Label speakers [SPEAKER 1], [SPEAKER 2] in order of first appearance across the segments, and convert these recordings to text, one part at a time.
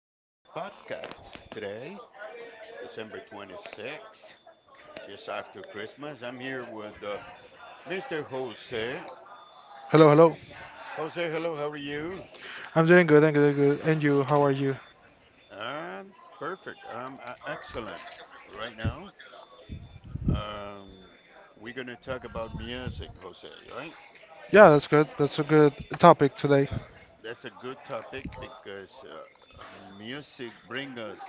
[SPEAKER 1] to this podcast. Today, December 26th, just after Christmas, I'm here with Mr. Jose.
[SPEAKER 2] Hello, hello.
[SPEAKER 1] Jose, hello, how are you?
[SPEAKER 2] I'm doing good. And you, how are you?
[SPEAKER 1] I'm perfect. I'm excellent right now. Um, we're going to talk about music, Jose, right?
[SPEAKER 2] Yeah, that's good. That's a good topic today.
[SPEAKER 1] That's a good topic because music brings us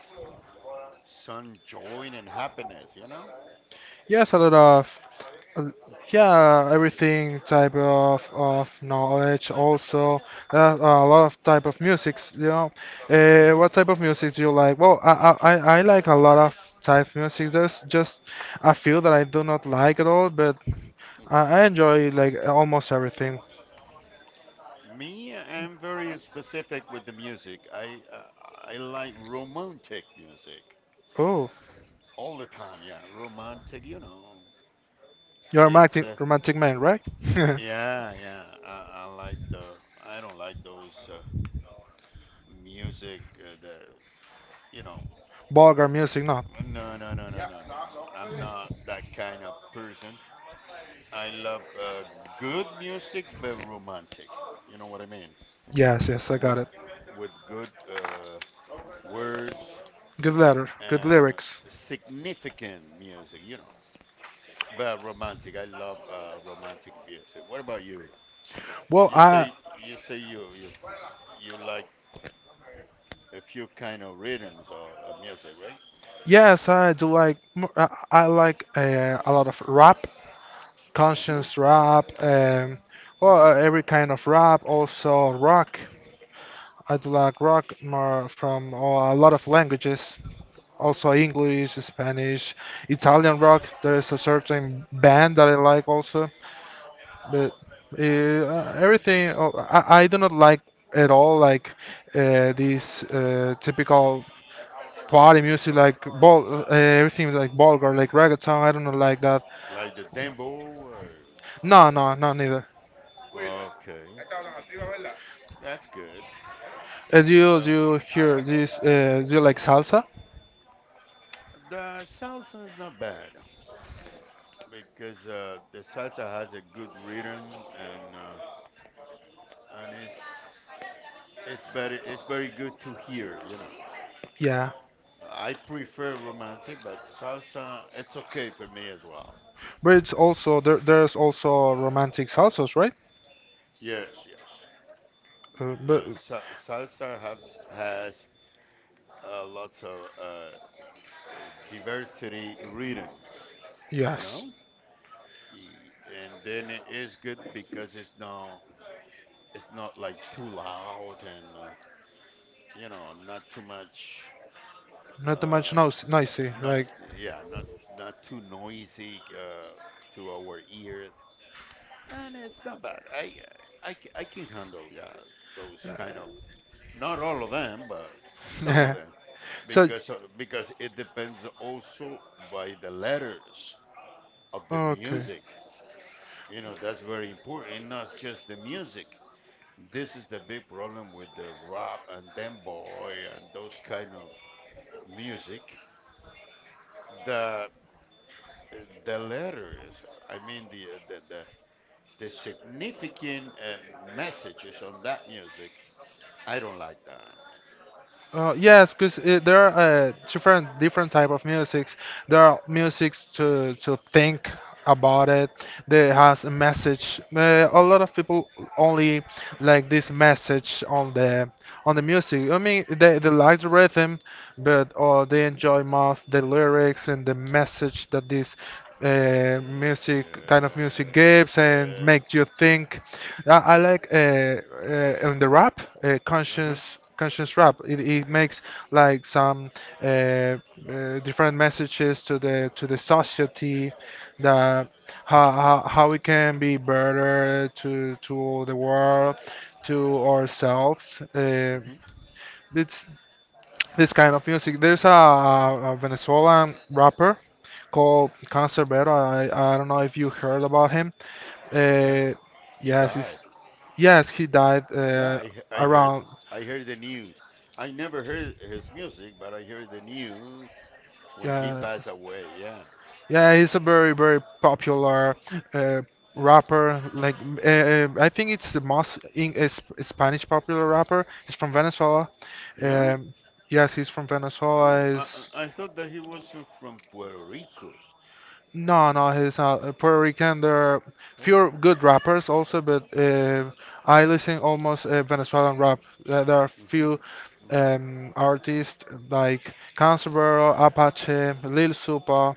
[SPEAKER 1] some joy and happiness, you know?
[SPEAKER 2] Yes, a lot of, uh, yeah, everything type of knowledge. Also, a lot of type of musics. You know,
[SPEAKER 1] Hmm.
[SPEAKER 2] what type of music do you like? Well, I like a lot of type of music. There's just a few that I do not like at all, but I enjoy like almost everything.
[SPEAKER 1] Me, I'm very specific with the music. I like romantic music
[SPEAKER 2] Oh,
[SPEAKER 1] all the time. Yeah, romantic. You know,
[SPEAKER 2] you're a
[SPEAKER 1] it's
[SPEAKER 2] romantic romantic man, right?
[SPEAKER 1] yeah, yeah. I like the. I don't like those music. The you know.
[SPEAKER 2] Vulgar music, no.
[SPEAKER 1] No, no, no, no, no, no, no. I'm not that kind of person. I love good music, but romantic. You know what I mean?
[SPEAKER 2] Yes, yes, I
[SPEAKER 1] With
[SPEAKER 2] got it.
[SPEAKER 1] with good words,
[SPEAKER 2] Good letter, good
[SPEAKER 1] um,
[SPEAKER 2] lyrics.
[SPEAKER 1] significant music. But romantic, I love romantic music. What about you?
[SPEAKER 2] Well,
[SPEAKER 1] You
[SPEAKER 2] I
[SPEAKER 1] say you say you like a few kind of rhythms or music, right?
[SPEAKER 2] yes, I like a lot of rap,
[SPEAKER 1] Hmm.
[SPEAKER 2] conscious rap, well, every kind of rap, also rock. I do like rock more from a lot of languages, also English, Spanish, Italian rock. There is a certain band that I like also. But everything, oh, I do not like at all like these typical party music like ball, everything is like vulgar, like reggaeton. I do not like that.
[SPEAKER 1] Like the dembo or,
[SPEAKER 2] No, no, not neither.
[SPEAKER 1] okay, that's good.
[SPEAKER 2] Do you do
[SPEAKER 1] Um,
[SPEAKER 2] you hear this? Do you like salsa?
[SPEAKER 1] the salsa is not bad because the salsa has a good rhythm, and and it's it's better, it's very good to hear, you know.
[SPEAKER 2] Yeah,
[SPEAKER 1] I prefer romantic, but salsa, it's okay for me as well.
[SPEAKER 2] but it's also there. There's also romantic salsas, right?
[SPEAKER 1] Yes, yes.
[SPEAKER 2] But
[SPEAKER 1] La- sa- Salsa have has lots of diversity rhythms, you
[SPEAKER 2] yes,
[SPEAKER 1] know, Y- and then it is good because it's not like too loud, and not too much
[SPEAKER 2] not too much
[SPEAKER 1] uh,
[SPEAKER 2] noise, noisy.
[SPEAKER 1] not,
[SPEAKER 2] Like
[SPEAKER 1] yeah, not too noisy to our ears. And it's not bad. I can handle, yeah, those kind of, not all of them, but some of
[SPEAKER 2] yeah
[SPEAKER 1] them,
[SPEAKER 2] so.
[SPEAKER 1] because it depends also by the letters of the
[SPEAKER 2] Okay.
[SPEAKER 1] music. You know, that's very important. And not just the music. This is the big problem with the rap and demboy and those kind of music. The the letters. I mean the significant messages on that music. I don't like that.
[SPEAKER 2] Yes, because there are different type of musics. There are musics to think about it. There has a message. A lot of people only like this message on the music. I mean, they like the rhythm, but they
[SPEAKER 1] Hmm.
[SPEAKER 2] enjoy more of the lyrics and the message that this music kind of music
[SPEAKER 1] Yes,
[SPEAKER 2] gives and
[SPEAKER 1] yes.
[SPEAKER 2] makes you think. I like in the rap
[SPEAKER 1] Uh-huh.
[SPEAKER 2] conscious rap. It makes like some uh, uh, different messages to the society that how we can be better to the world to ourselves.
[SPEAKER 1] Hmm.
[SPEAKER 2] It's this kind of music. There's a Venezuelan rapper called Cancerbero. I don't know if you heard about him.
[SPEAKER 1] Yeah,
[SPEAKER 2] Uh,
[SPEAKER 1] he
[SPEAKER 2] yes,
[SPEAKER 1] died.
[SPEAKER 2] he's, yes, he died
[SPEAKER 1] Yeah,
[SPEAKER 2] around.
[SPEAKER 1] I heard the news. I never heard his music, but I heard the news when he
[SPEAKER 2] Uh,
[SPEAKER 1] passed away. Yeah.
[SPEAKER 2] Yeah, he's a very, very popular uh, rapper. Like, I think it's the most in, Spanish popular rapper. He's from Venezuela.
[SPEAKER 1] Yeah?
[SPEAKER 2] Um, yes, he's from
[SPEAKER 1] Oh,
[SPEAKER 2] Venezuela.
[SPEAKER 1] I I
[SPEAKER 2] He's
[SPEAKER 1] I thought that he was from Puerto Rico.
[SPEAKER 2] no, no, he's not a Puerto Rican. There are
[SPEAKER 1] Oh.
[SPEAKER 2] few good rappers also, but I listen almost Venezuelan rap. There are
[SPEAKER 1] Hmm.
[SPEAKER 2] few
[SPEAKER 1] Hmm.
[SPEAKER 2] artists like Canserbero, Apache, Lil Supa.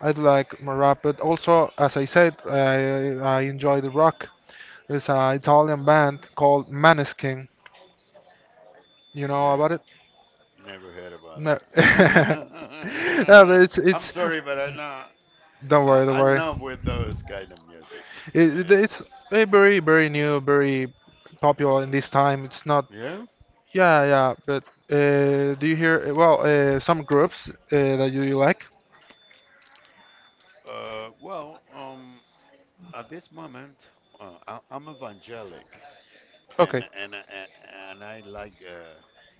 [SPEAKER 2] I'd like more rap, but also, as I said, I enjoy the rock. There's an Italian band called Maneskin. You know
[SPEAKER 1] Yeah,
[SPEAKER 2] about it?
[SPEAKER 1] never heard
[SPEAKER 2] No.
[SPEAKER 1] about that.
[SPEAKER 2] no, but it's
[SPEAKER 1] I'm
[SPEAKER 2] it's.
[SPEAKER 1] sorry, but
[SPEAKER 2] Don't worry, don't
[SPEAKER 1] I'm not with
[SPEAKER 2] worry.
[SPEAKER 1] those kind of music. Oh,
[SPEAKER 2] It, it-
[SPEAKER 1] yeah.
[SPEAKER 2] it's a very new, very popular in this time. It's not.
[SPEAKER 1] Yeah.
[SPEAKER 2] Yeah, yeah. But do you hear? Well, some groups that you like.
[SPEAKER 1] Well, at this moment, I'm evangelic, and
[SPEAKER 2] Okay,
[SPEAKER 1] and and, and I like uh,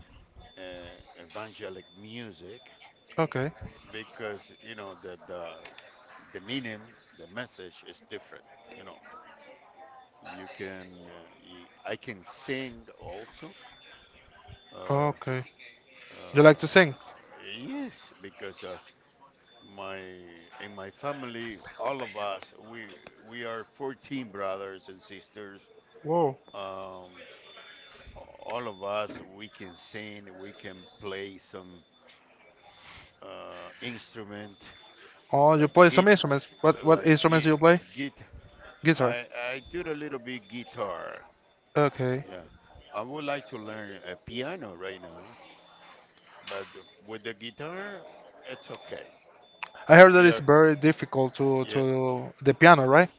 [SPEAKER 1] uh, evangelic music
[SPEAKER 2] okay,
[SPEAKER 1] because you know the meaning, the message is different. You know, you can I can sing also. Uh,
[SPEAKER 2] okay. You like to
[SPEAKER 1] uh,
[SPEAKER 2] sing?
[SPEAKER 1] yes, because my in my family, all of us we are 14 brothers and sisters.
[SPEAKER 2] Whoa.
[SPEAKER 1] um, all of us we can sing, we can play some instrument,
[SPEAKER 2] Oh, you
[SPEAKER 1] like
[SPEAKER 2] play some
[SPEAKER 1] git
[SPEAKER 2] instruments. What what
[SPEAKER 1] like
[SPEAKER 2] instruments do
[SPEAKER 1] git,
[SPEAKER 2] you play?
[SPEAKER 1] git
[SPEAKER 2] Guitar.
[SPEAKER 1] I, I do a little bit guitar.
[SPEAKER 2] Okay.
[SPEAKER 1] Yeah. I would like to learn a piano right now, but with the guitar it's okay.
[SPEAKER 2] I heard that
[SPEAKER 1] we
[SPEAKER 2] it's
[SPEAKER 1] are
[SPEAKER 2] very difficult to
[SPEAKER 1] Yeah,
[SPEAKER 2] to the piano, right?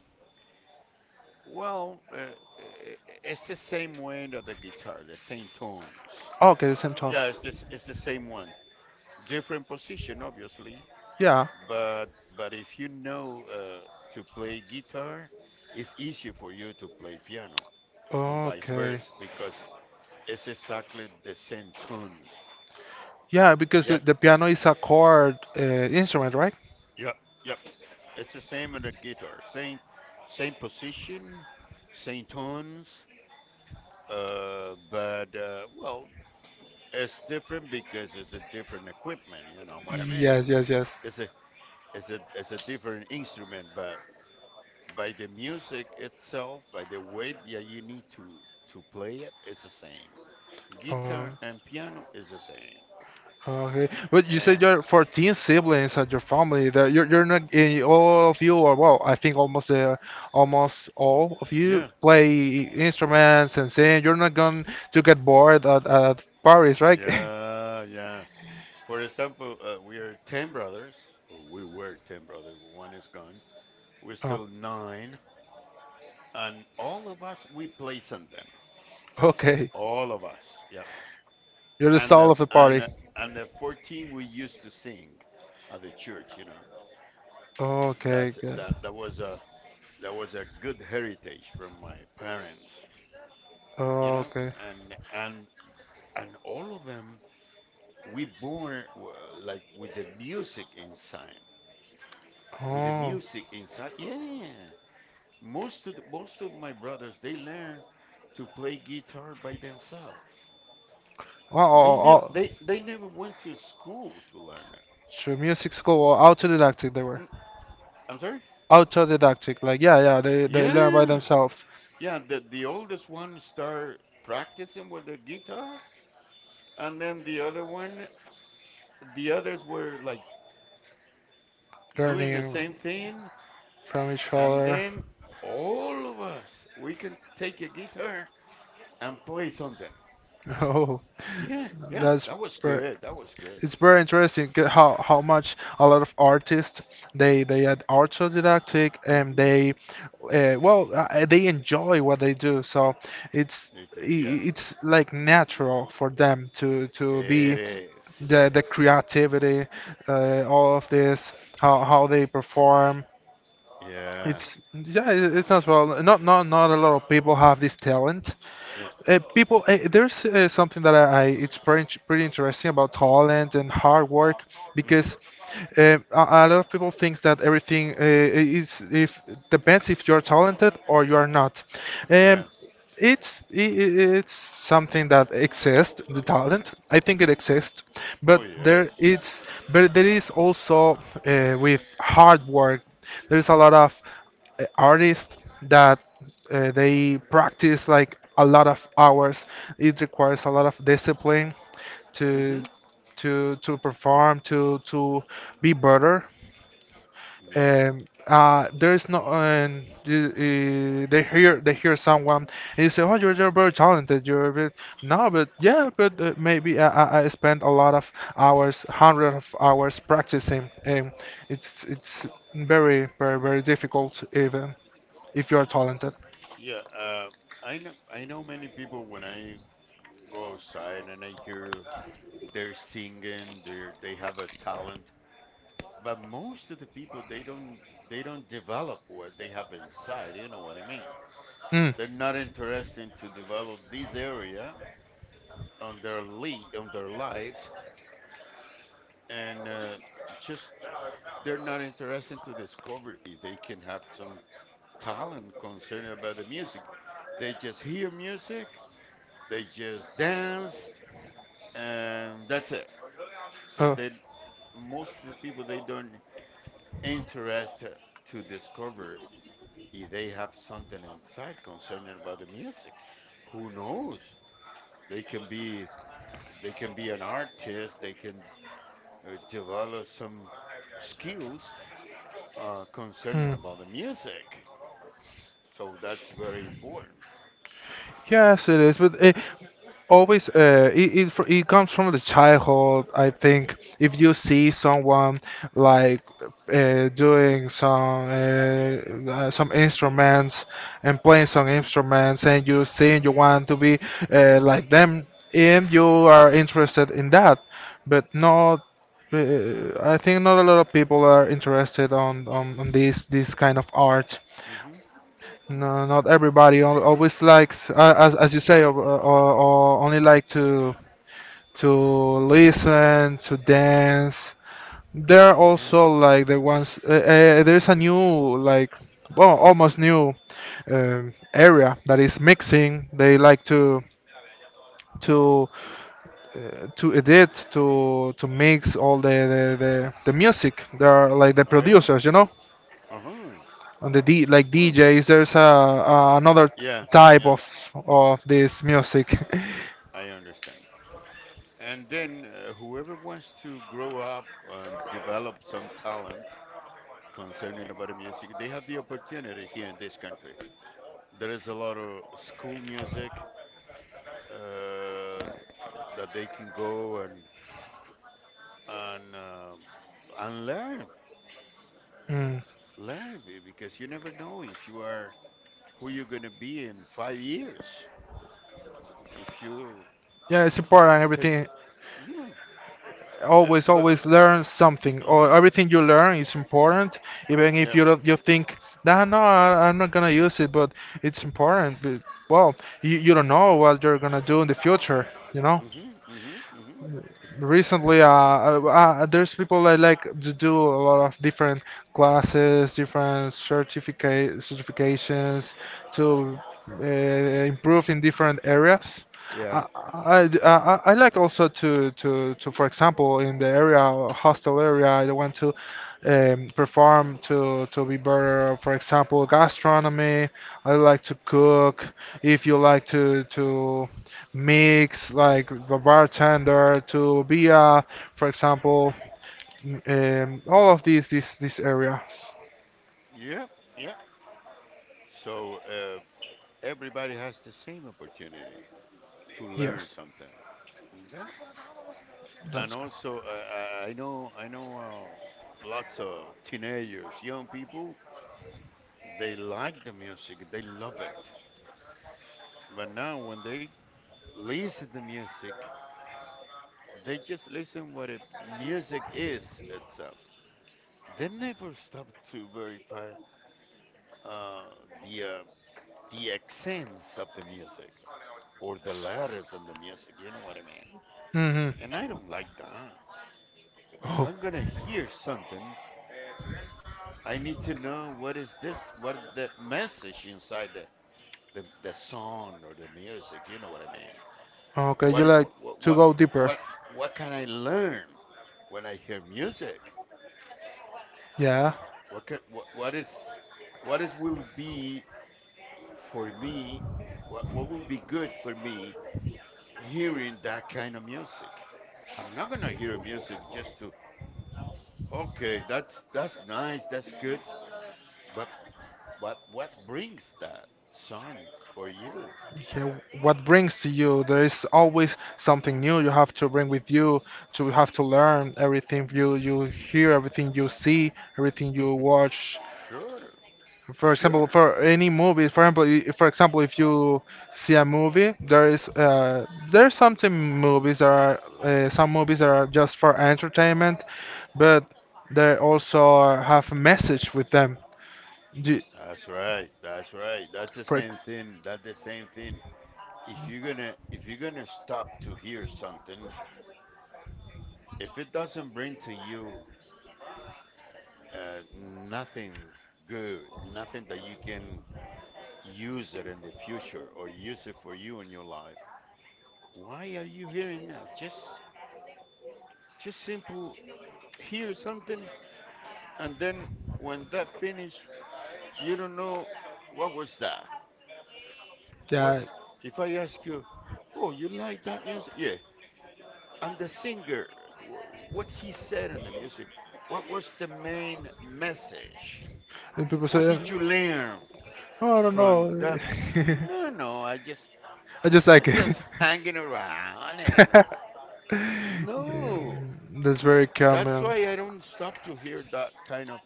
[SPEAKER 1] well, it's the same way of the guitar, the same tones.
[SPEAKER 2] Oh, okay, the same tone.
[SPEAKER 1] Yeah, it's the same one, different position, obviously.
[SPEAKER 2] Yeah.
[SPEAKER 1] But but if you know to play guitar, it's easier for you to play piano and vice
[SPEAKER 2] Okay.
[SPEAKER 1] versa, because it's exactly the same tunes.
[SPEAKER 2] Yeah, because the,
[SPEAKER 1] Yep,
[SPEAKER 2] the piano is a chord instrument, right?
[SPEAKER 1] yep, yep. It's the same in the guitar, same position, same tunes. But well, it's different because it's a different equipment. You know what I mean?
[SPEAKER 2] Yes, yes, yes.
[SPEAKER 1] It's a it's a different instrument, but by the music itself, by the way that you need to play it, it's the same.
[SPEAKER 2] Oh.
[SPEAKER 1] Guitar and piano is the same.
[SPEAKER 2] Okay, but you said
[SPEAKER 1] And
[SPEAKER 2] you're 14 siblings and your family. That you're not eh, all of you, or well, I think almost almost all of you
[SPEAKER 1] yeah,
[SPEAKER 2] play instruments and sing. You're not going to get bored at parties, right?
[SPEAKER 1] yeah, yeah. For example, we are 10 brothers. Or we were 10 brothers. One is gone. We're
[SPEAKER 2] Oh,
[SPEAKER 1] still nine, and all of us we play something.
[SPEAKER 2] okay,
[SPEAKER 1] All of us. Yep.
[SPEAKER 2] you're the
[SPEAKER 1] And
[SPEAKER 2] soul
[SPEAKER 1] the
[SPEAKER 2] of the
[SPEAKER 1] and
[SPEAKER 2] party.
[SPEAKER 1] the- and the 14 we used to sing at the church. You know, and
[SPEAKER 2] Okay,
[SPEAKER 1] that's it.
[SPEAKER 2] good.
[SPEAKER 1] That was a good heritage from my parents, you know,
[SPEAKER 2] Okay.
[SPEAKER 1] and all of them we born like with the music inside, with the
[SPEAKER 2] Oh,
[SPEAKER 1] music inside. Yeah, most of my brothers they learn to play guitar by themselves.
[SPEAKER 2] oh,
[SPEAKER 1] They never
[SPEAKER 2] oh, oh.
[SPEAKER 1] they they never went to school to learn it.
[SPEAKER 2] Sure, music school, autodidactic they were.
[SPEAKER 1] Mm, I'm sorry?
[SPEAKER 2] Autodidactic, like yeah, yeah, they learn by
[SPEAKER 1] Yeah.
[SPEAKER 2] themselves.
[SPEAKER 1] Yeah, the oldest one start practicing with the guitar, and then the others were like doing the same
[SPEAKER 2] Learning
[SPEAKER 1] thing,
[SPEAKER 2] from each
[SPEAKER 1] and
[SPEAKER 2] other.
[SPEAKER 1] then all of us we can take a guitar and play something.
[SPEAKER 2] Oh,
[SPEAKER 1] Yeah, yeah,
[SPEAKER 2] that's
[SPEAKER 1] that was
[SPEAKER 2] ver-
[SPEAKER 1] good, that was good.
[SPEAKER 2] it's very interesting how much a lot of artists they are autodidactic and
[SPEAKER 1] Hmm.
[SPEAKER 2] they well they enjoy what they do. So it's
[SPEAKER 1] Yeah.
[SPEAKER 2] it's like natural for them to
[SPEAKER 1] It
[SPEAKER 2] be
[SPEAKER 1] is.
[SPEAKER 2] the creativity, all of this, how they perform.
[SPEAKER 1] Yeah,
[SPEAKER 2] It's yeah, it's not well. Not a lot of people have this talent.
[SPEAKER 1] yeah.
[SPEAKER 2] People, there's something that I it's pretty, pretty interesting about talent and hard work because
[SPEAKER 1] Hmm.
[SPEAKER 2] a lot of people thinks that everything is if depends if you're talented or you are not. Um,
[SPEAKER 1] Yeah.
[SPEAKER 2] it's it's something that exists, the talent. I think it exists, but
[SPEAKER 1] Oh,
[SPEAKER 2] there
[SPEAKER 1] yes.
[SPEAKER 2] it's but there is also with hard work. There is a lot of artists that they practice like a lot of hours. It requires a lot of discipline
[SPEAKER 1] Hmm.
[SPEAKER 2] to to perform to be better.
[SPEAKER 1] Yeah,
[SPEAKER 2] And there is no and you, they hear someone and you say, oh, you're very talented. You're a bit no, but yeah, but maybe I spent a lot of hours, hundred of hours practicing, and it's very difficult even if you are talented.
[SPEAKER 1] yeah. I know many people when I go outside and I hear they're singing, they have a talent. But most of the people they don't develop what they have inside, you know what I mean?
[SPEAKER 2] Mm.
[SPEAKER 1] They're not interested to develop this area on their lives, and just they're not interested to discover if they can have some talent concerning about the music. They just hear music, they just dance, and that's it. So
[SPEAKER 2] Oh.
[SPEAKER 1] they Most of the people they don't interest to discover if they have something inside concerning about the music. Who knows? They can be they can be an artist. They can develop some skills concerning
[SPEAKER 2] Hmm.
[SPEAKER 1] about the music. So that's very important.
[SPEAKER 2] Yes, it is, but it always it it comes from the childhood. I think if you see someone like doing some instruments and playing some
[SPEAKER 1] Hmm.
[SPEAKER 2] instruments, and you think you want to be like them, and you are interested in that, but not. I think not a lot of people are interested on this this kind of art.
[SPEAKER 1] Hmm.
[SPEAKER 2] No, not everybody always likes, as you say, or only like to listen, to dance. There are
[SPEAKER 1] Yeah.
[SPEAKER 2] also like the ones. There's a new like, well, almost new area that is mixing. They like to to edit, to mix all the music. They are like the
[SPEAKER 1] Oh, yeah.
[SPEAKER 2] producers, you know.
[SPEAKER 1] Uh huh.
[SPEAKER 2] On the D, like
[SPEAKER 1] Oh,
[SPEAKER 2] DJs, there's a another
[SPEAKER 1] yeah.
[SPEAKER 2] type
[SPEAKER 1] Yeah.
[SPEAKER 2] of this music.
[SPEAKER 1] I understand. And then whoever wants to grow up and develop some talent concerning about the music, they have the opportunity here in this country. There is a lot of school music uh, that they can go and um and
[SPEAKER 2] Mm.
[SPEAKER 1] because you never know if you are who you're gonna be in 5 years. If you
[SPEAKER 2] Yeah, it's important.
[SPEAKER 1] take,
[SPEAKER 2] Everything
[SPEAKER 1] yeah, that's
[SPEAKER 2] always
[SPEAKER 1] about,
[SPEAKER 2] always learn something, or
[SPEAKER 1] uh-huh,
[SPEAKER 2] everything you learn is important, even if
[SPEAKER 1] yeah,
[SPEAKER 2] you don't, you think, nah, no, I'm not gonna use it, but it's important. But, well, you don't know what you're gonna do in the future, you know.
[SPEAKER 1] mm-hmm, mm-hmm, mm-hmm,
[SPEAKER 2] Recently there's people that like to do a lot of different classes different certificate certifications to improve in different areas.
[SPEAKER 1] yeah,
[SPEAKER 2] I, I, d- I like also to, for example, in the area, hostel area, I want to perform to be better. For example, gastronomy, I like to cook. If you like to mix like the bartender to be a, for example, all of these this area.
[SPEAKER 1] yeah, yeah. So everybody has the same opportunity to learn
[SPEAKER 2] Yes,
[SPEAKER 1] something. And And
[SPEAKER 2] that's good.
[SPEAKER 1] also, I know, lots of teenagers, young people, they like the music, they love it. But now, when they listen to music, they just listen music is itself. They never stop to verify uh, the uh, the accents of the music or the letters in the music. You know what I mean?
[SPEAKER 2] Hmm.
[SPEAKER 1] And I don't like that. If
[SPEAKER 2] Oh,
[SPEAKER 1] I'm gonna hear something, I need to know what is this, what the message inside the song or the music. You know what I mean?
[SPEAKER 2] okay.
[SPEAKER 1] What,
[SPEAKER 2] You
[SPEAKER 1] it-
[SPEAKER 2] like to go deeper.
[SPEAKER 1] what, what can I learn when I hear music?
[SPEAKER 2] Yeah.
[SPEAKER 1] What, can, what is, What is will be for me? What will be good for me hearing that kind of music? I'm not gonna hear music just to, okay, that's nice, that's good, but but what brings that song for you?
[SPEAKER 2] Yeah. What brings to you? There is always something new you have to bring with you. To have to learn everything you hear, everything you see, everything you watch.
[SPEAKER 1] Sure,
[SPEAKER 2] For example,
[SPEAKER 1] sure.
[SPEAKER 2] for any movie, for example, for example, if you see a movie, there is there's something movies that are some movies that are just for entertainment, but they also have a message with them. Do,
[SPEAKER 1] That's right. That's right. That's the
[SPEAKER 2] for ex-
[SPEAKER 1] same thing. That's the same thing. If you're gonna stop to hear something, if it doesn't bring to you nothing good, nothing that you can use it in the future or use it for you in your life, why are you hearing that? Just simple hear something, and then when that finish, you don't know what was that. What
[SPEAKER 2] yeah,
[SPEAKER 1] if I ask you, oh, you like that music? Yeah. And the singer, what he said in the music, what was the main message?
[SPEAKER 2] and people
[SPEAKER 1] What
[SPEAKER 2] say,
[SPEAKER 1] did you learn
[SPEAKER 2] oh, I don't
[SPEAKER 1] from
[SPEAKER 2] know,
[SPEAKER 1] that? No, no,
[SPEAKER 2] I just
[SPEAKER 1] I
[SPEAKER 2] like it.
[SPEAKER 1] just hanging around and
[SPEAKER 2] Yeah,
[SPEAKER 1] no.
[SPEAKER 2] that's very
[SPEAKER 1] That's
[SPEAKER 2] common.
[SPEAKER 1] why I don't stop to hear that kind of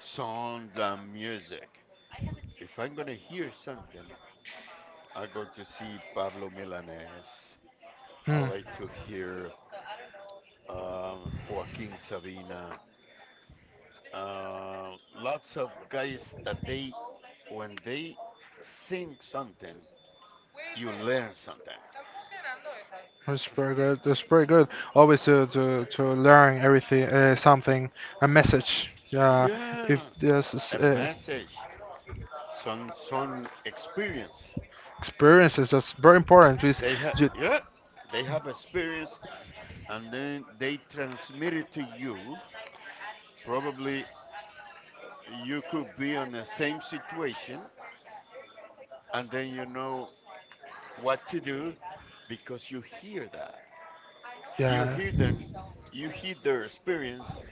[SPEAKER 1] songs and music. If I'm gonna hear something, I go to see Pablo Milanés. I
[SPEAKER 2] Hmm.
[SPEAKER 1] like to hear Joaquin Sabina, lots of guys that they when they sing something, you learn something.
[SPEAKER 2] That's pretty good. That's pretty good. Always to learn everything, something, a message. Yeah, if
[SPEAKER 1] Yeah,
[SPEAKER 2] there's
[SPEAKER 1] a message, some experience.
[SPEAKER 2] experiences, that's very important.
[SPEAKER 1] They have
[SPEAKER 2] Ju-
[SPEAKER 1] Yeah, they have experience, and then they transmit it to you. Probably you could be on the same situation, and then you know what to do because you hear that. You
[SPEAKER 2] yeah,
[SPEAKER 1] hear them, you hear their experience,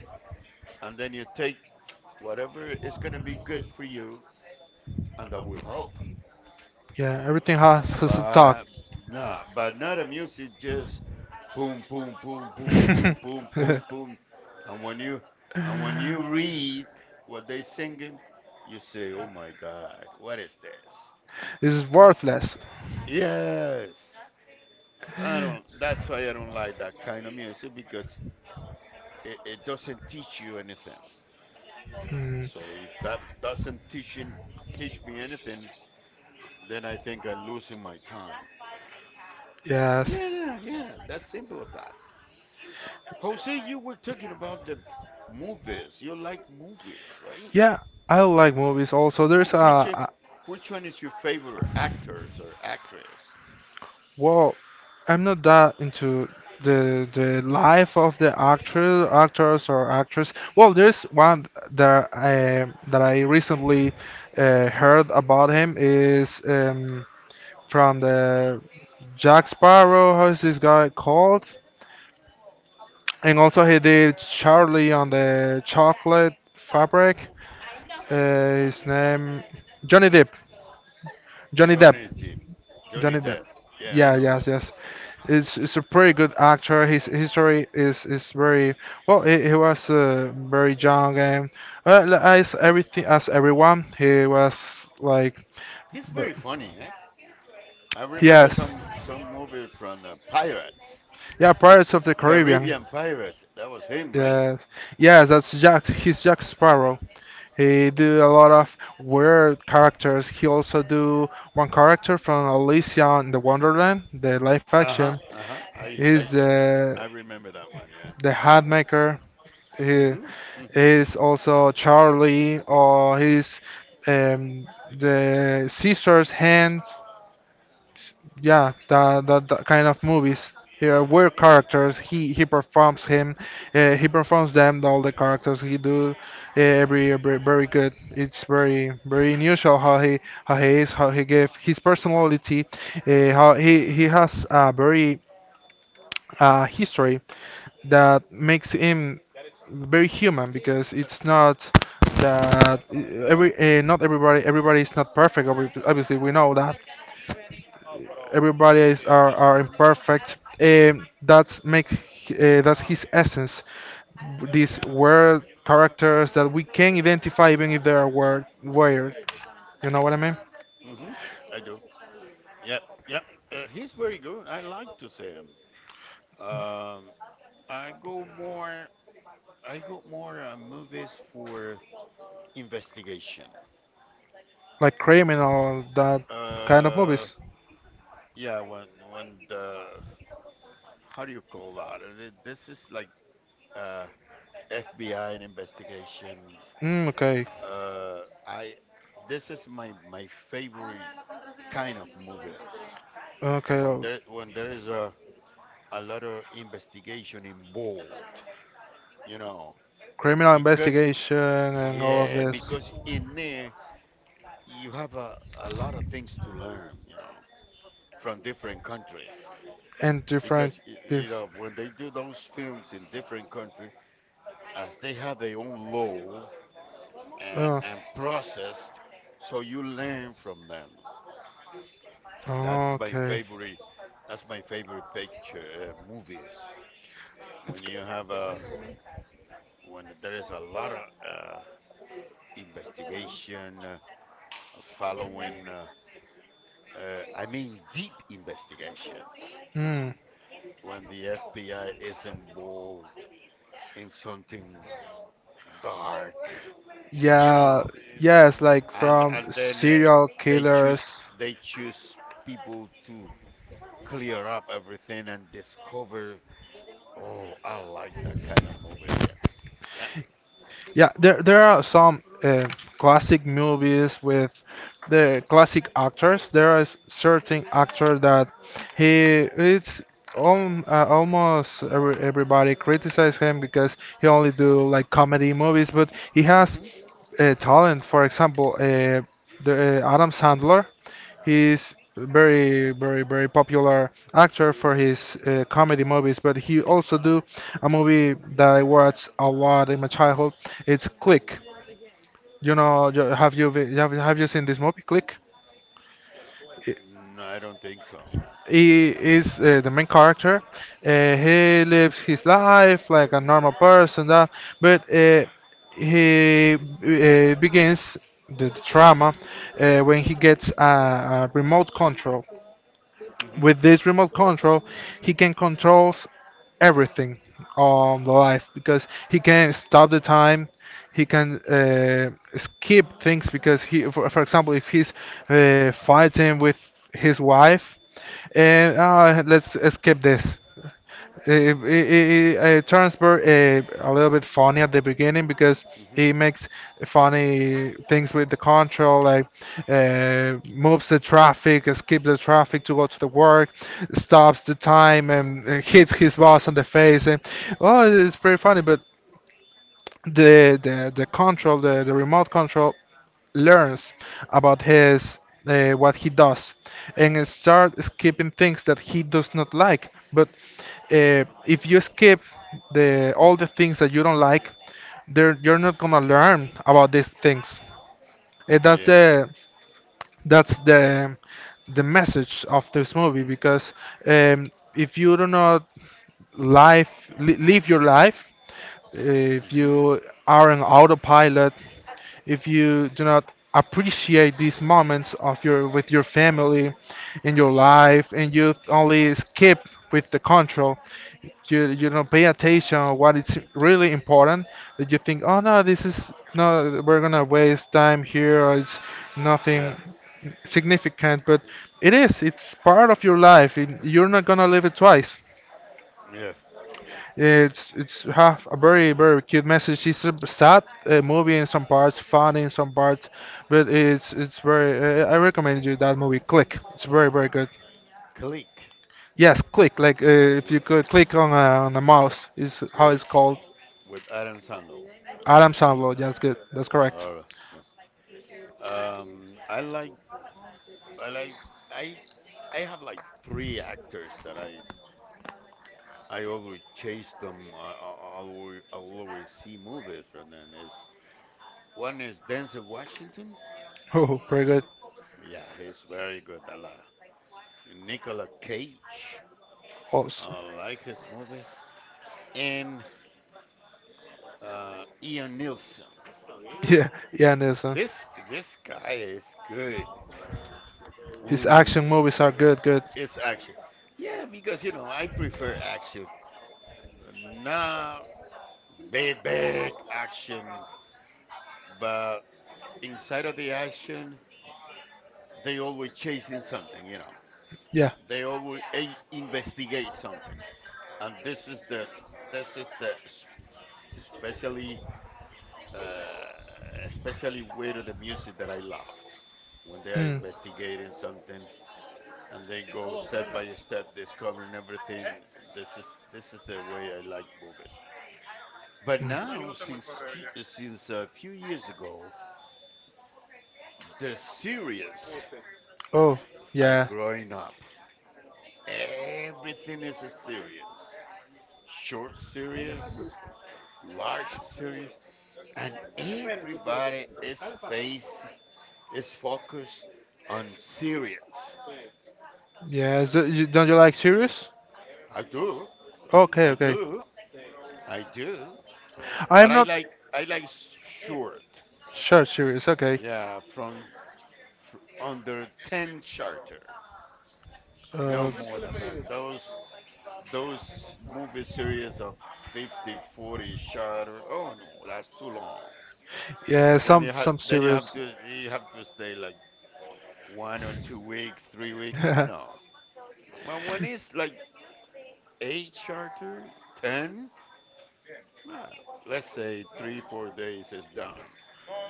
[SPEAKER 1] and then you take whatever is going to be good for you, and that will help.
[SPEAKER 2] yeah. Everything has a talk.
[SPEAKER 1] But, nah, but not a music just boom, boom, boom, boom, boom, boom, boom, boom, and when you read what they singing, you say, "Oh my God, what is this?"
[SPEAKER 2] This is worthless.
[SPEAKER 1] Yes, I don't. That's why I don't like that kind of music because it doesn't teach you anything.
[SPEAKER 2] Hmm.
[SPEAKER 1] So if that doesn't teach me anything, then I think I'm losing my time.
[SPEAKER 2] Yes.
[SPEAKER 1] Yeah, yeah, that's simple as that. Jose, you were talking about the movies. You like movies, right?
[SPEAKER 2] Yeah, I like movies also.
[SPEAKER 1] Who,
[SPEAKER 2] There's
[SPEAKER 1] which
[SPEAKER 2] a
[SPEAKER 1] Which one is your favorite actors or actress?
[SPEAKER 2] well, I'm not that into the life of the actor, actors or actress. Well, there's one that that I recently heard about him is from the Jack Sparrow. How is this guy called? And also he did Charlie on the Chocolate Fabric. His name Johnny Depp. Johnny Depp.
[SPEAKER 1] Johnny Depp. Johnny
[SPEAKER 2] Johnny Depp.
[SPEAKER 1] Depp. Yeah, I
[SPEAKER 2] Yeah,
[SPEAKER 1] know
[SPEAKER 2] yes,
[SPEAKER 1] him.
[SPEAKER 2] yes. It's a pretty good actor. His history is very well. He was very young and as everything as everyone, he was like
[SPEAKER 1] He's
[SPEAKER 2] but-
[SPEAKER 1] very funny, eh? I remember
[SPEAKER 2] yes,
[SPEAKER 1] some movie from the Pirates,
[SPEAKER 2] yeah, Pirates of the Caribbean.
[SPEAKER 1] Caribbean Pirates. That was him, right?
[SPEAKER 2] Yes, yes, that's Jack. He's Jack Sparrow. He do a lot of weird characters. He also do one character from Alicia in the Wonderland, the live
[SPEAKER 1] Uh
[SPEAKER 2] action.
[SPEAKER 1] huh. Uh huh.
[SPEAKER 2] He's the
[SPEAKER 1] I remember that one. Yeah.
[SPEAKER 2] the hat maker. He
[SPEAKER 1] Mhm. Mhm.
[SPEAKER 2] is
[SPEAKER 1] Mhm.
[SPEAKER 2] also Charlie, or he's um, the Caesar's hand, yeah the kind of movies here where characters he performs him, he performs them all the characters he do, every very good. It's very unusual how he, how he is, how he gave his personality, how he has a very history that makes him very human. Because it's not that every not everybody is not perfect, obviously we know that everybody
[SPEAKER 1] Oh.
[SPEAKER 2] is, are
[SPEAKER 1] Mhm.
[SPEAKER 2] imperfect, that's makes, that's his essence, these weird characters that we can identify even if they are weird. You know what I mean,
[SPEAKER 1] Mhm. I do. Yep. Yep. He's very good. I like to see him. Um, I go more. I go more movies for investigation.
[SPEAKER 2] like criminal, that kind of
[SPEAKER 1] Uh,
[SPEAKER 2] movies.
[SPEAKER 1] yeah. When the how do you call that? This is like uh FBI and investigations.
[SPEAKER 2] Okay.
[SPEAKER 1] I This is my favorite kind of movies
[SPEAKER 2] Okay,
[SPEAKER 1] when there when there is a lot of investigation involved, you know
[SPEAKER 2] criminal
[SPEAKER 1] because
[SPEAKER 2] investigation and all of
[SPEAKER 1] yeah,
[SPEAKER 2] this,
[SPEAKER 1] because in there you have a lot of things to learn, from different countries,
[SPEAKER 2] and
[SPEAKER 1] because
[SPEAKER 2] different.
[SPEAKER 1] you
[SPEAKER 2] dif-
[SPEAKER 1] know when they do those films in different countries as they have their own law and,
[SPEAKER 2] uh,
[SPEAKER 1] and processed, so you learn from them. that's my
[SPEAKER 2] Okay.
[SPEAKER 1] favorite that's my favorite picture, movies when you have a when there is a lot of investigation, following, I mean, deep investigations. You know,
[SPEAKER 2] Hmm.
[SPEAKER 1] when the FBI is involved in something dark, you
[SPEAKER 2] Yeah,
[SPEAKER 1] know,
[SPEAKER 2] yes, like
[SPEAKER 1] and
[SPEAKER 2] from
[SPEAKER 1] and then
[SPEAKER 2] serial
[SPEAKER 1] they choose
[SPEAKER 2] killers.
[SPEAKER 1] they choose people to clear up everything and discover. Oh, I like that kind of movies. Yeah. Yep.
[SPEAKER 2] Yeah, there are some classic movies with the classic actors. There are certain actor that he it's, almost everybody criticize him because he only do like comedy movies, but he has
[SPEAKER 1] Mhm.
[SPEAKER 2] talent. For example, the Adam Sandler. He's very, very, very popular actor for his comedy movies, but he also do a movie that I watched a lot in my childhood. It's Click. You know, have have you seen this movie, Click? I-
[SPEAKER 1] No, I don't think so. No.
[SPEAKER 2] He is the main character. He lives his life like a normal person, that, but he begins the drama when he gets a remote control.
[SPEAKER 1] Mhm.
[SPEAKER 2] With this remote control, he can control everything on the life because he can stop the time. He can skip things because he, for example, if he's fighting with his wife, and let's skip this. It turns a little bit funny at the beginning because
[SPEAKER 1] Mhm.
[SPEAKER 2] he makes funny things with the control, like moves the traffic, skips the traffic to go to the work, stops the time, and hits his boss on the face. And oh, it's pretty funny. But the control, the remote control, learns about his, what he does, and start
[SPEAKER 1] Mm.
[SPEAKER 2] skipping things that he does not like. But if you skip the all the things that you don't like, there you're not gonna learn about these things. That's
[SPEAKER 1] Yeah.
[SPEAKER 2] the, that's the message of this movie. Because um, if you do not life, live your life, if
[SPEAKER 1] Mhm.
[SPEAKER 2] you are an autopilot, if you do not appreciate these moments of your with your family in your
[SPEAKER 1] hmm
[SPEAKER 2] life, and you only skip with the control, you don't pay attention on what is really important. That you think, oh no, this is no, we're gonna waste time here, or it's
[SPEAKER 1] Yeah,
[SPEAKER 2] nothing significant. But it is, it's part of your life, it, you're not gonna live it twice.
[SPEAKER 1] yeah.
[SPEAKER 2] It's have a very cute message. It's a sad movie in some parts, funny in some parts, but it's very. I recommend you that movie. Click. It's very good.
[SPEAKER 1] Click
[SPEAKER 2] Yes, click. Like if you
[SPEAKER 1] with
[SPEAKER 2] could click on a mouse is how
[SPEAKER 1] with
[SPEAKER 2] it's called.
[SPEAKER 1] with Adam Sandler.
[SPEAKER 2] Adam Sandler. That's good. That's correct.
[SPEAKER 1] All right. Yeah. Um, I like I like I I have like three actors that I always chase them. I always see movies from them. Is One is Denzel Washington.
[SPEAKER 2] Oh, pretty good.
[SPEAKER 1] Yeah, he's very good. I like Nicolas Cage.
[SPEAKER 2] Also,
[SPEAKER 1] I like his movie. And Ian Nielsen.
[SPEAKER 2] yeah, yeah, Anderson.
[SPEAKER 1] This guy is good.
[SPEAKER 2] His
[SPEAKER 1] Ooh,
[SPEAKER 2] action movies are good. Good.
[SPEAKER 1] it's action. Yeah, because you know I prefer action, not big action, but inside of the action they always chasing something.
[SPEAKER 2] Yeah.
[SPEAKER 1] They always investigate something, and this is the s- especially uh, especially with the music that I loved when they are
[SPEAKER 2] Mm.
[SPEAKER 1] investigating something, and they go step by step discovering everything. This is the way I like movies. But now, since a few years ago, the series
[SPEAKER 2] Oh,
[SPEAKER 1] are
[SPEAKER 2] yeah.
[SPEAKER 1] growing up. Everything is a series. Short series, large series, and everybody face is focused on series.
[SPEAKER 2] Yeah, so you, don't you like series?
[SPEAKER 1] I do,
[SPEAKER 2] Okay,
[SPEAKER 1] I
[SPEAKER 2] okay.
[SPEAKER 1] do, I do. But
[SPEAKER 2] I'm not
[SPEAKER 1] short.
[SPEAKER 2] sure series. Okay.
[SPEAKER 1] Yeah, fr- under 10 charter. No
[SPEAKER 2] Uh,
[SPEAKER 1] more than that. Those movie series of 50, forty 40, oh no, that's too long.
[SPEAKER 2] yeah,
[SPEAKER 1] Then you have
[SPEAKER 2] some
[SPEAKER 1] then you have
[SPEAKER 2] series.
[SPEAKER 1] to you have to stay like 1 or 2 weeks, 3 weeks. No, but when it's like 8 charter, 10 uh, let's say 3 4 days is done.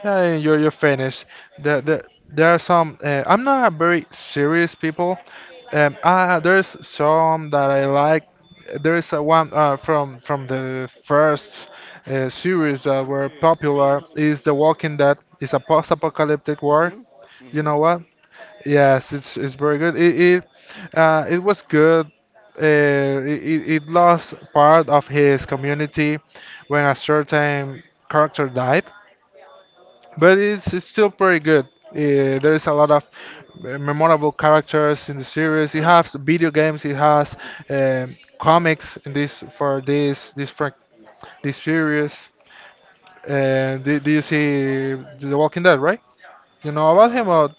[SPEAKER 2] Yeah, you're finished. There,
[SPEAKER 1] Mhm,
[SPEAKER 2] there, there are some. I'm not a very serious people. There's some that I like. There is a one from the first series that were popular is The Walking Dead. It's a post-apocalyptic war.
[SPEAKER 1] mhm,
[SPEAKER 2] You
[SPEAKER 1] mhm.
[SPEAKER 2] know what? Yes, it's very good. It, it was good. Uh, it, it it lost part of his community when a certain character died, but it's still pretty good. There's a lot of memorable characters in the series. It
[SPEAKER 1] Huh?
[SPEAKER 2] has video games. It has comics in this for this this series. Do, do you see The Walking Dead, right? You know about him or,
[SPEAKER 1] Uh,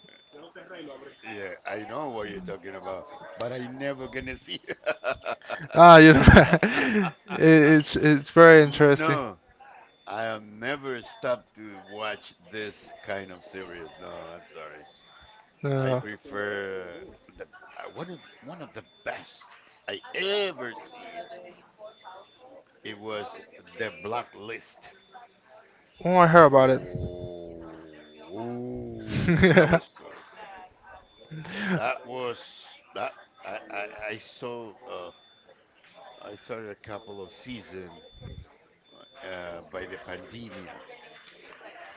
[SPEAKER 1] yeah, I know what you're talking about, but I never gonna see.
[SPEAKER 2] ah, you know, it, it's very interesting.
[SPEAKER 1] No, I have never stopped to watch this kind of series. No, I'm sorry. I
[SPEAKER 2] Uh,
[SPEAKER 1] prefer the one of the best I ever seen. It was the Blacklist.
[SPEAKER 2] oh, I heard about
[SPEAKER 1] Oh, ooh, that
[SPEAKER 2] it.
[SPEAKER 1] was good. That was that. I I, I saw uh, I saw a couple of season by the pandemia,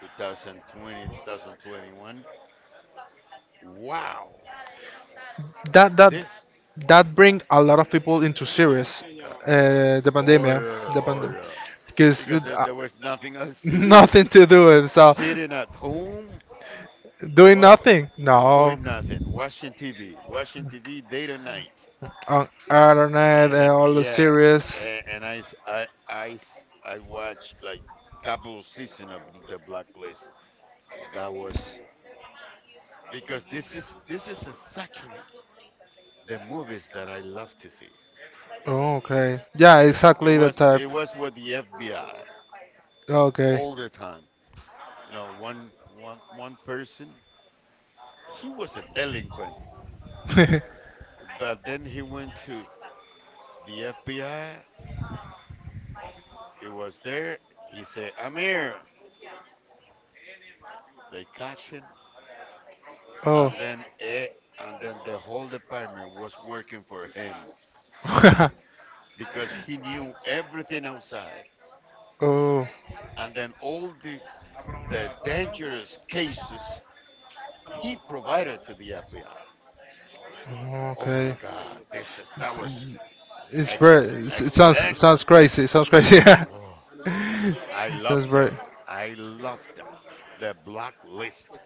[SPEAKER 1] 2020, 2021. Wow.
[SPEAKER 2] That that
[SPEAKER 1] this
[SPEAKER 2] that bring a lot of people into serious, the
[SPEAKER 1] Oh
[SPEAKER 2] pandemic,
[SPEAKER 1] yeah,
[SPEAKER 2] the
[SPEAKER 1] oh
[SPEAKER 2] pandemic,
[SPEAKER 1] yeah.
[SPEAKER 2] because
[SPEAKER 1] Because there, there was nothing else to do.
[SPEAKER 2] nothing to do, and so
[SPEAKER 1] Sitting at home,
[SPEAKER 2] doing
[SPEAKER 1] what
[SPEAKER 2] nothing, no,
[SPEAKER 1] doing nothing, watching TV, watching TV day to night.
[SPEAKER 2] on internet and all the
[SPEAKER 1] Yeah,
[SPEAKER 2] series.
[SPEAKER 1] and I watched like couple of season of the Blacklist. That was because this is exactly the movies that I love to see.
[SPEAKER 2] Oh, okay, yeah,
[SPEAKER 1] It's, it
[SPEAKER 2] exactly the
[SPEAKER 1] was
[SPEAKER 2] type.
[SPEAKER 1] it was with the FBI
[SPEAKER 2] Okay.
[SPEAKER 1] all the time. You know, one person. He was a delinquent, but then he went to the FBI. He was there. He said, "I'm here." They catch him,
[SPEAKER 2] Oh.
[SPEAKER 1] and then the whole department was working for him because he knew everything outside.
[SPEAKER 2] Oh.
[SPEAKER 1] And then all the dangerous cases he provided to the FBI. Oh my
[SPEAKER 2] Okay.
[SPEAKER 1] God, this is that was
[SPEAKER 2] It's
[SPEAKER 1] excellent,
[SPEAKER 2] very. It
[SPEAKER 1] excellent,
[SPEAKER 2] sounds
[SPEAKER 1] excellent.
[SPEAKER 2] crazy. It sounds crazy. Yeah.
[SPEAKER 1] Oh, I
[SPEAKER 2] That's
[SPEAKER 1] loved
[SPEAKER 2] very.
[SPEAKER 1] it. I loved it. The Blacklist.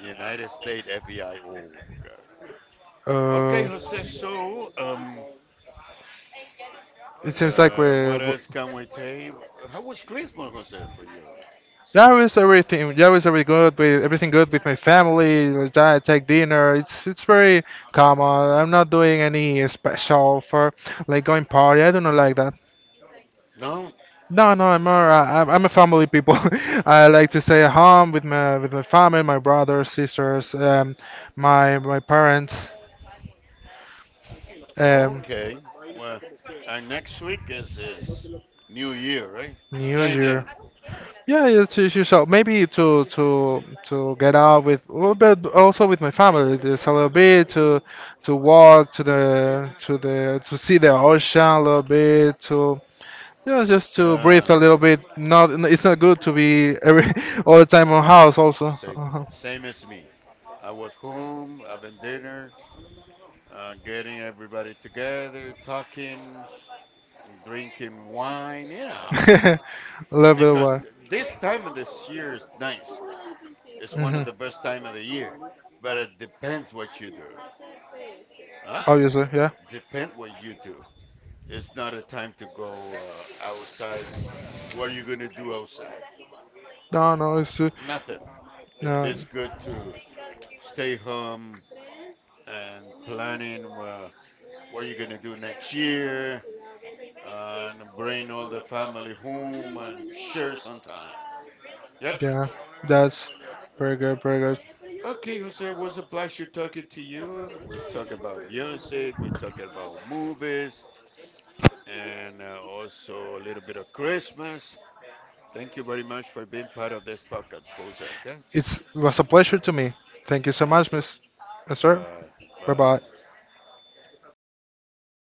[SPEAKER 1] United States FBI. Oh, God. Okay,
[SPEAKER 2] Uh.
[SPEAKER 1] Jose. So,
[SPEAKER 2] It seems like we.
[SPEAKER 1] what else can we tell? How was Christmas, Jose, for you?
[SPEAKER 2] Yeah, it's everything. Yeah, it's everything good. With everything good with my family. Like, I take dinner. It's very common. I'm not doing any special for like going party. I do not like that.
[SPEAKER 1] No?
[SPEAKER 2] No, no, I'm more. I'm a family people. I like to stay at home with my family, my brothers, sisters, my my parents. Um,
[SPEAKER 1] Okay. Well, and next week is New Year, right?
[SPEAKER 2] New
[SPEAKER 1] Same
[SPEAKER 2] Year.
[SPEAKER 1] thing.
[SPEAKER 2] Yeah, yeah, to show maybe to get out with, well, but also with my family, just a little bit to walk to the to the to see the ocean a little bit to, yeah, just to
[SPEAKER 1] Yeah.
[SPEAKER 2] breathe a little bit. Not it's not good to be every all the time on
[SPEAKER 1] No.
[SPEAKER 2] house also.
[SPEAKER 1] Same.
[SPEAKER 2] Uh-huh.
[SPEAKER 1] Same as me. I was home having dinner, getting everybody together, talking and drinking wine.
[SPEAKER 2] a little bit of
[SPEAKER 1] Because
[SPEAKER 2] what.
[SPEAKER 1] this time of this year is nice. It's one of
[SPEAKER 2] Mhm.
[SPEAKER 1] the best time of the year, but it depends what you do. Huh?
[SPEAKER 2] Obviously, yeah.
[SPEAKER 1] Depend what you do. It's not a time to go outside. What are you gonna do outside?
[SPEAKER 2] No, no, it's true.
[SPEAKER 1] Nothing. If
[SPEAKER 2] No.
[SPEAKER 1] it's good to stay home and planning what you're gonna do next year and bring all the family home and share some time. Yep.
[SPEAKER 2] Yeah, that's very good, very good.
[SPEAKER 1] Okay, Jose, it was a pleasure talking to you. We talk about music, we talk about movies, and also a little bit of Christmas. Thank you very much for being part of this podcast, Jose. Okay?
[SPEAKER 2] It was a pleasure to me. Thank you so much,
[SPEAKER 1] Thank you.
[SPEAKER 2] Miss, Mister.
[SPEAKER 1] Bye.
[SPEAKER 2] Bye bye.
[SPEAKER 1] Bye.